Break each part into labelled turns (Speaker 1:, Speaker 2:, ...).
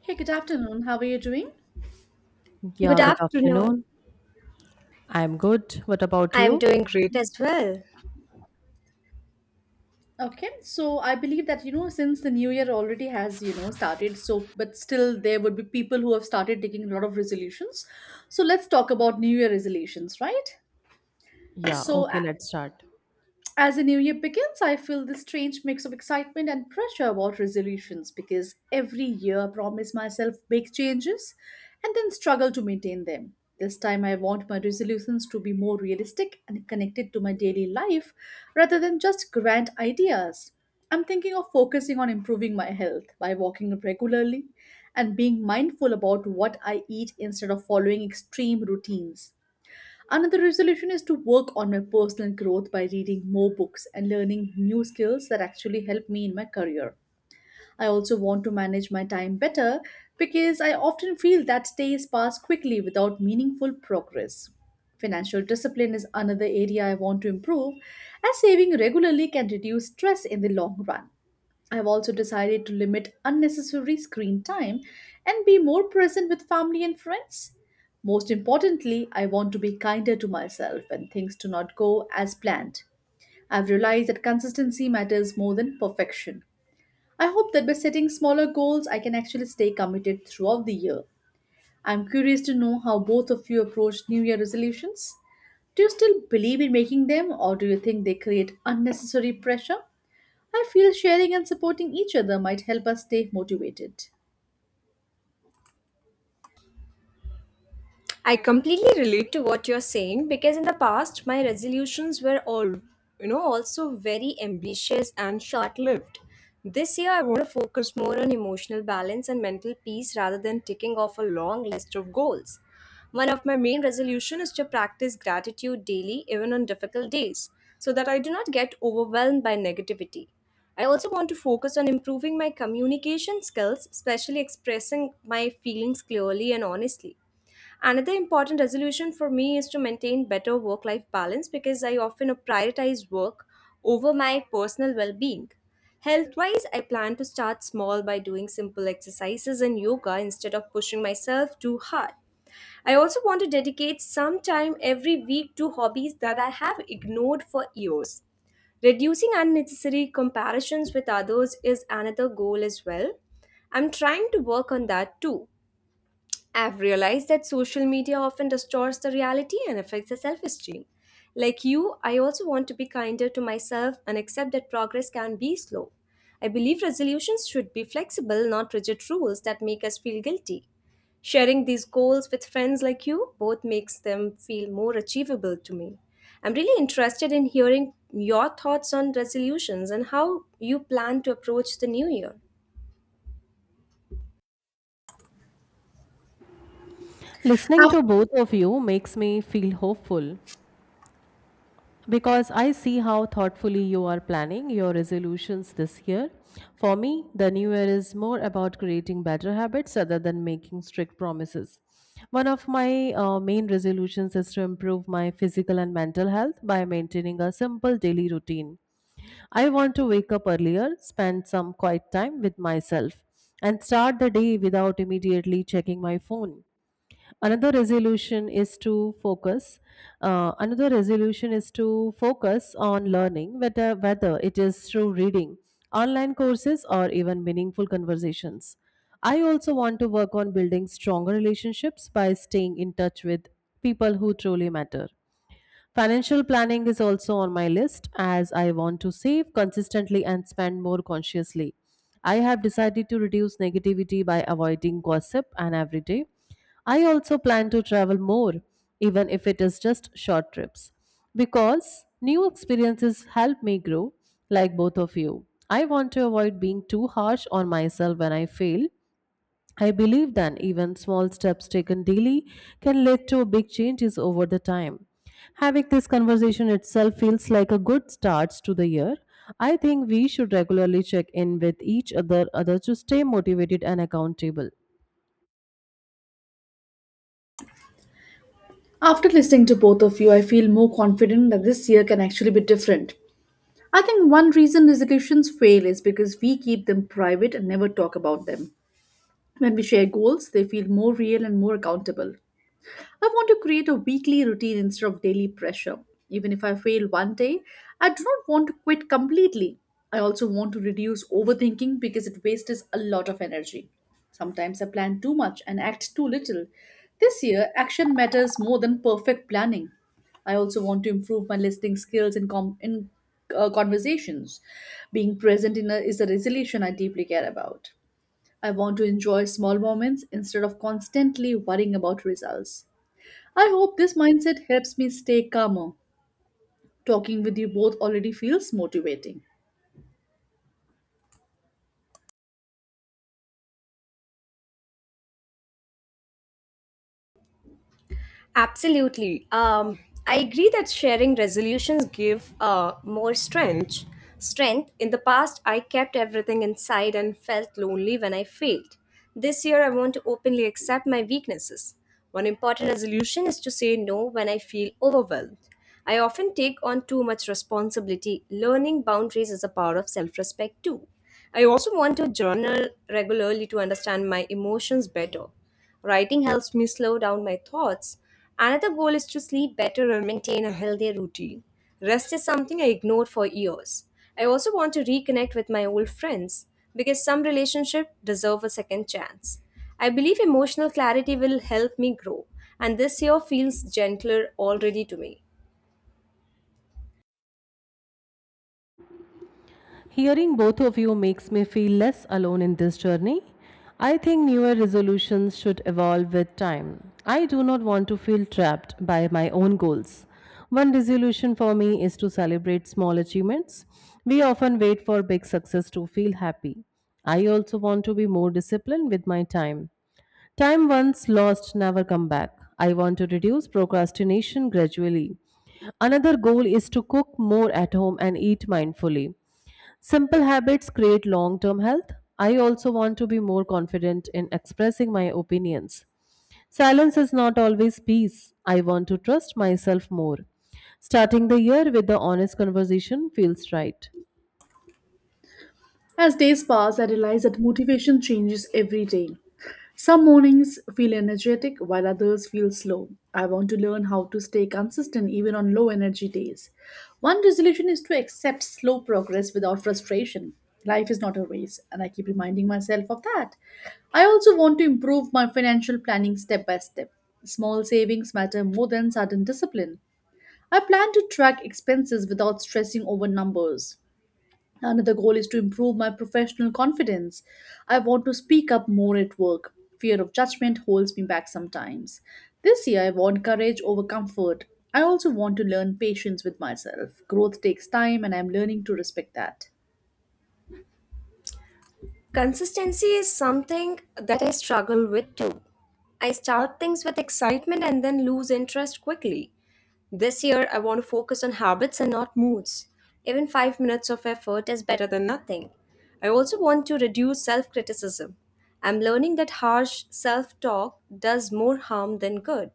Speaker 1: Hey, good afternoon. How are you doing?
Speaker 2: Yeah,
Speaker 3: Good
Speaker 2: good
Speaker 3: afternoon.
Speaker 2: afternoon. I'm good. What about
Speaker 3: I am
Speaker 2: you?
Speaker 3: doing great as well.
Speaker 1: Okay, so I believe that since the new year already has started, so but still there would be people who have started taking a lot of resolutions. So let's talk about new year resolutions, right?
Speaker 2: Yeah,
Speaker 1: So
Speaker 2: okay,
Speaker 1: a-
Speaker 2: let's start.
Speaker 1: As the new year begins, I feel this strange mix of excitement and pressure about resolutions because every year I promise myself big changes and then struggle to maintain them. This time, I want my resolutions to be more realistic and connected to my daily life rather than just grand ideas. I'm thinking of focusing on improving my health by walking regularly and being mindful about what I eat instead of following extreme routines. Another resolution is to work on my personal growth by reading more books and learning new skills that actually help me in my career. I also want to manage my time better because I often feel that days pass quickly without meaningful progress. Financial discipline is another area I want to improve, as saving regularly can reduce stress in the long run. I've also decided to limit unnecessary screen time and be more present with family and friends. Most importantly, I want to be kinder to myself when things do not go as planned. I've realized that consistency matters more than perfection. I hope that by setting smaller goals, I can actually stay committed throughout the year. I'm curious to know how both of you approach New Year resolutions. Do you still believe in making them, or do you think they create unnecessary pressure? I feel sharing and supporting each other might help us stay motivated.
Speaker 3: I completely relate to what you're saying because in the past my resolutions were all also very ambitious and short-lived. This year I want to focus more on emotional balance and mental peace rather than ticking off a long list of goals. One of my main resolution is to practice gratitude daily even on difficult days so that I do not get overwhelmed by negativity. I also want to focus on improving my communication skills, especially expressing my feelings clearly and honestly. Another important resolution for me is to maintain better work life balance because I often prioritize work over my personal well being. Health wise, I plan to start small by doing simple exercises and yoga instead of pushing myself too hard. I also want to dedicate some time every week to hobbies that I have ignored for years. Reducing unnecessary comparisons with others is another goal as well. I'm trying to work on that too. I've realized that social media often distorts the reality and affects the self esteem. Like you, I also want to be kinder to myself and accept that progress can be slow. I believe resolutions should be flexible, not rigid rules that make us feel guilty. Sharing these goals with friends like you both makes them feel more achievable to me. I'm really interested in hearing your thoughts on resolutions and how you plan to approach the new year.
Speaker 2: Listening
Speaker 1: Af-
Speaker 2: to both of you makes me feel hopeful because I see how thoughtfully you are planning your resolutions this year. For me, the new year is more about creating better habits rather than making strict promises. One of my main resolutions is to improve my physical and mental health by maintaining a simple daily routine. I want to wake up earlier, spend some quiet time with myself, and start the day without immediately checking my phone. Another resolution is to focus another resolution is to focus on learning whether it is through reading, online courses, or even meaningful conversations. I also want to work on building stronger relationships by staying in touch with people who truly matter. Financial planning is also on my list, as I want to save consistently and spend more consciously. I have decided to reduce negativity by avoiding gossip and every day. I also plan to travel more, even if it is just short trips, because new experiences help me grow. Like both of you, I want to avoid being too harsh on myself when I fail. I believe that even small steps taken daily can lead to big changes over the time. Having this conversation itself feels like a good start to the year. I think we should regularly check in with each other to stay motivated and accountable.
Speaker 1: After listening to both of you, I feel more confident that this year can actually be different. I think one reason resolutions fail is because we keep them private and never talk about them. When we share goals, they feel more real and more accountable. I want to create a weekly routine instead of daily pressure. Even if I fail one day, I do not want to quit completely. I also want to reduce overthinking because it wastes a lot of energy. Sometimes I plan too much and act too little. This year, action matters more than perfect planning. I also want to improve my listening skills in conversations. Being present is a resolution I deeply care about. I want to enjoy small moments instead of constantly worrying about results. I hope this mindset helps me stay calmer. Talking with you both already feels motivating.
Speaker 3: Absolutely. I agree that sharing resolutions give more strength. Strength. In the past, I kept everything inside and felt lonely when I failed. This year, I want to openly accept my weaknesses. One important resolution is to say no when I feel overwhelmed. I often take on too much responsibility. Learning boundaries is a part of self respect, too. I also want to journal regularly to understand my emotions better. Writing helps me slow down my thoughts. Another goal is to sleep better and maintain a healthy routine. Rest is something I ignored for years. I also want to reconnect with my old friends because some relationships deserve a second chance. I believe emotional clarity will help me grow, and this year feels gentler already to me.
Speaker 2: Hearing both of you makes me feel less alone in this journey. I think newer resolutions should evolve with time. I do not want to feel trapped by my own goals. One resolution for me is to celebrate small achievements. We often wait for big success to feel happy. I also want to be more disciplined with my time. Time once lost never come back. I want to reduce procrastination gradually. Another goal is to cook more at home and eat mindfully. Simple habits create long-term health. I also want to be more confident in expressing my opinions. Silence is not always peace. I want to trust myself more. Starting the year with the honest conversation feels right.
Speaker 1: As days pass, I realize that motivation changes every day. Some mornings feel energetic while others feel slow. I want to learn how to stay consistent even on low energy days. One resolution is to accept slow progress without frustration. Life is not a race, and I keep reminding myself of that. I also want to improve my financial planning step by step. Small savings matter more than sudden discipline. I plan to track expenses without stressing over numbers. Another goal is to improve my professional confidence. I want to speak up more at work. Fear of judgment holds me back sometimes. This year, I want courage over comfort. I also want to learn patience with myself. Growth takes time, and I'm learning to respect that.
Speaker 3: Consistency is something that I struggle with too. I start things with excitement and then lose interest quickly. This year, I want to focus on habits and not moods. Even 5 minutes of effort is better than nothing. I also want to reduce self criticism. I'm learning that harsh self talk does more harm than good.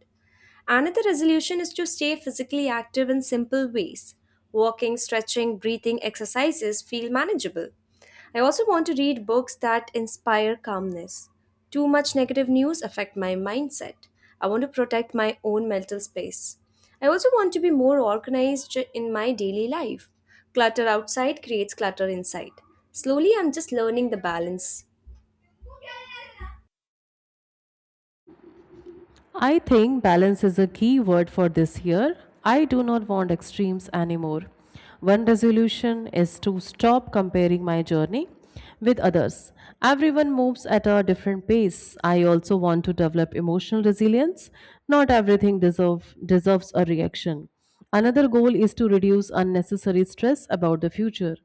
Speaker 3: Another resolution is to stay physically active in simple ways. Walking, stretching, breathing exercises feel manageable. I also want to read books that inspire calmness. Too much negative news affect my mindset. I want to protect my own mental space. I also want to be more organized in my daily life. Clutter outside creates clutter inside. Slowly, I'm just learning the balance.
Speaker 2: I think balance is a key word for this year. I do not want extremes anymore. One resolution is to stop comparing my journey with others. Everyone moves at a different pace. I also want to develop emotional resilience. Not everything deserves a reaction. Another goal is to reduce unnecessary stress about the future.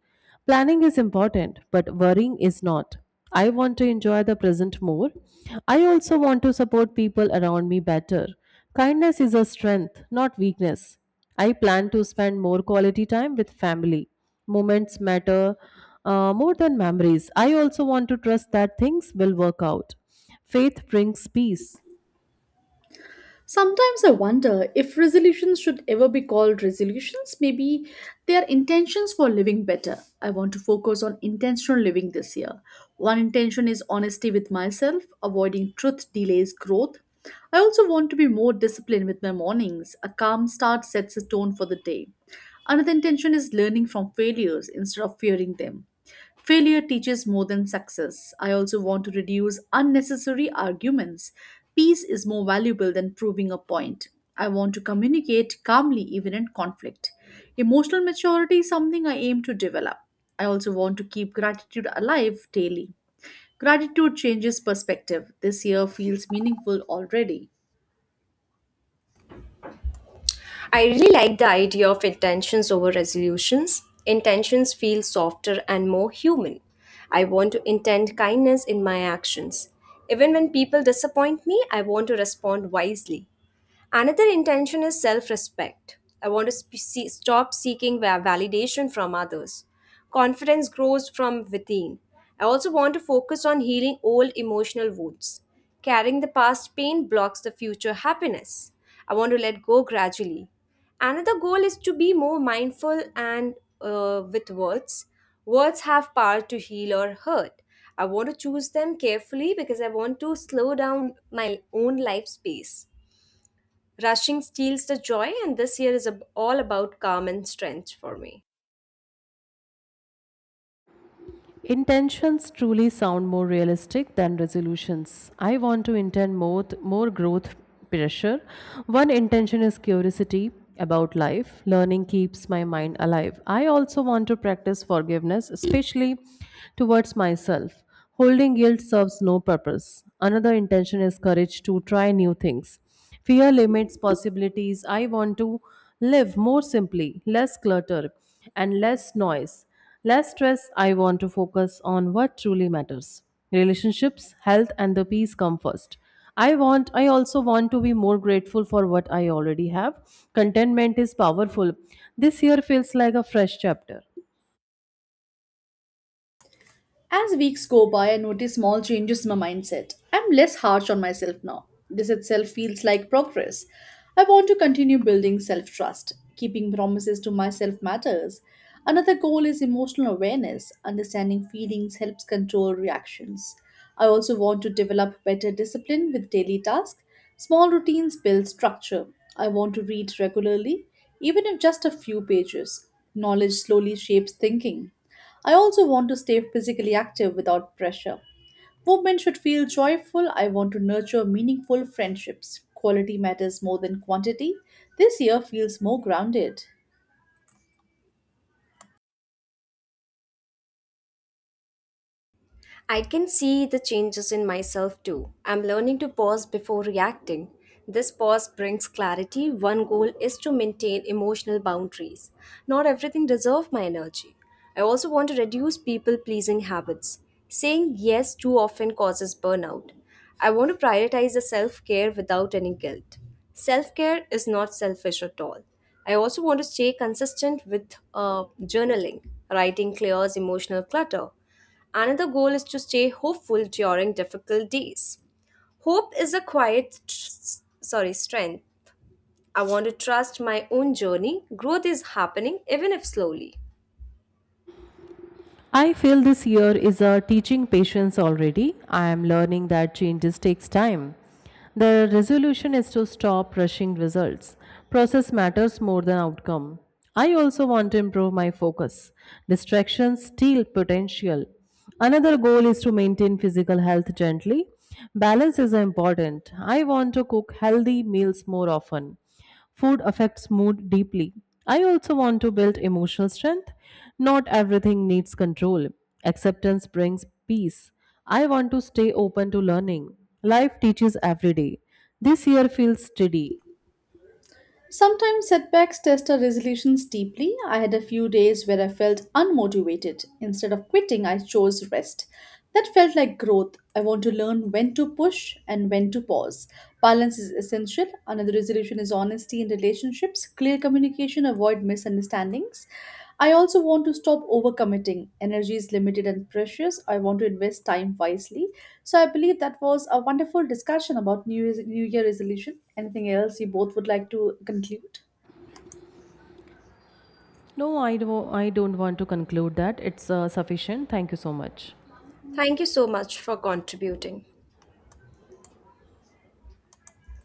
Speaker 2: Planning is important, but worrying is not. I want to enjoy the present more. I also want to support people around me better. Kindness is a strength, not weakness. I plan to spend more quality time with family. Moments matter more than memories. I also want to trust that things will work out. Faith brings peace.
Speaker 1: Sometimes I wonder if resolutions should ever be called resolutions. Maybe they are intentions for living better. I want to focus on intentional living this year. One intention is honesty with myself, avoiding truth delays growth. I also want to be more disciplined with my mornings. A calm start sets a tone for the day. Another intention is learning from failures instead of fearing them. Failure teaches more than success. I also want to reduce unnecessary arguments. Peace is more valuable than proving a point. I want to communicate calmly even in conflict. Emotional maturity is something I aim to develop. I also want to keep gratitude alive daily. Gratitude changes perspective. This year feels meaningful already.
Speaker 3: I really like the idea of intentions over resolutions. Intentions feel softer and more human. I want to intend kindness in my actions. Even when people disappoint me, I want to respond wisely. Another intention is self respect. I want to see, stop seeking validation from others. Confidence grows from within. I also want to focus on healing old emotional wounds. Carrying the past pain blocks the future happiness. I want to let go gradually. Another goal is to be more mindful and with words. Words have power to heal or hurt. I want to choose them carefully because I want to slow down my own life space. Rushing steals the joy, and this year is all about calm and strength for me.
Speaker 2: Intentions truly sound more realistic than resolutions. I want to intend more growth pressure. One intention is curiosity about life. Learning keeps my mind alive. I also want to practice forgiveness, especially towards myself. Holding guilt serves no purpose. Another intention is courage to try new things. Fear limits possibilities. I want to live more simply, less clutter, and less noise. Less stress, I want to focus on what truly matters. Relationships, health and the peace come first. I also want to be more grateful for what I already have. Contentment is powerful. This year feels like a fresh chapter.
Speaker 1: As weeks go by, I notice small changes in my mindset. I'm less harsh on myself now. This itself feels like progress. I want to continue building self trust. Keeping promises to myself matters. Another goal is emotional awareness. Understanding feelings helps control reactions. I also want to develop better discipline with daily tasks. Small routines build structure. I want to read regularly, even if just a few pages. Knowledge slowly shapes thinking. I also want to stay physically active without pressure. Movement should feel joyful. I want to nurture meaningful friendships. Quality matters more than quantity. This year feels more grounded.
Speaker 3: I can see the changes in myself too. I'm learning to pause before reacting. This pause brings clarity. One goal is to maintain emotional boundaries. Not everything deserves my energy. I also want to reduce people pleasing habits. Saying yes too often causes burnout. I want to prioritize the self care without any guilt. Self care is not selfish at all. I also want to stay consistent with journaling, writing clears emotional clutter. Another goal is to stay hopeful during difficult days. Hope is a quiet, sorry, strength. I want to trust my own journey. Growth is happening, even if slowly.
Speaker 2: I feel this year is a teaching patience already. I am learning that changes takes time. The resolution is to stop rushing results. Process matters more than outcome. I also want to improve my focus. Distractions steal potential. Another goal is to maintain physical health gently. Balance is important. I want to cook healthy meals more often. Food affects mood deeply. I also want to build emotional strength. Not everything needs control. Acceptance brings peace. I want to stay open to learning. Life teaches every day. This year feels steady.
Speaker 1: Sometimes setbacks test our resolutions deeply. I had a few days where I felt unmotivated. Instead of quitting, I chose rest. That felt like growth. I want to learn when to push and when to pause. Balance is essential. Another resolution is honesty in relationships, clear communication, avoid misunderstandings. I also want to stop overcommitting. Energy is limited and precious. I want to invest time wisely. So I believe that was a wonderful discussion about New Year resolution. Anything else you both would like to conclude?
Speaker 2: No, I don't want to conclude that. It's sufficient. Thank you so much.
Speaker 3: Thank you so much for contributing.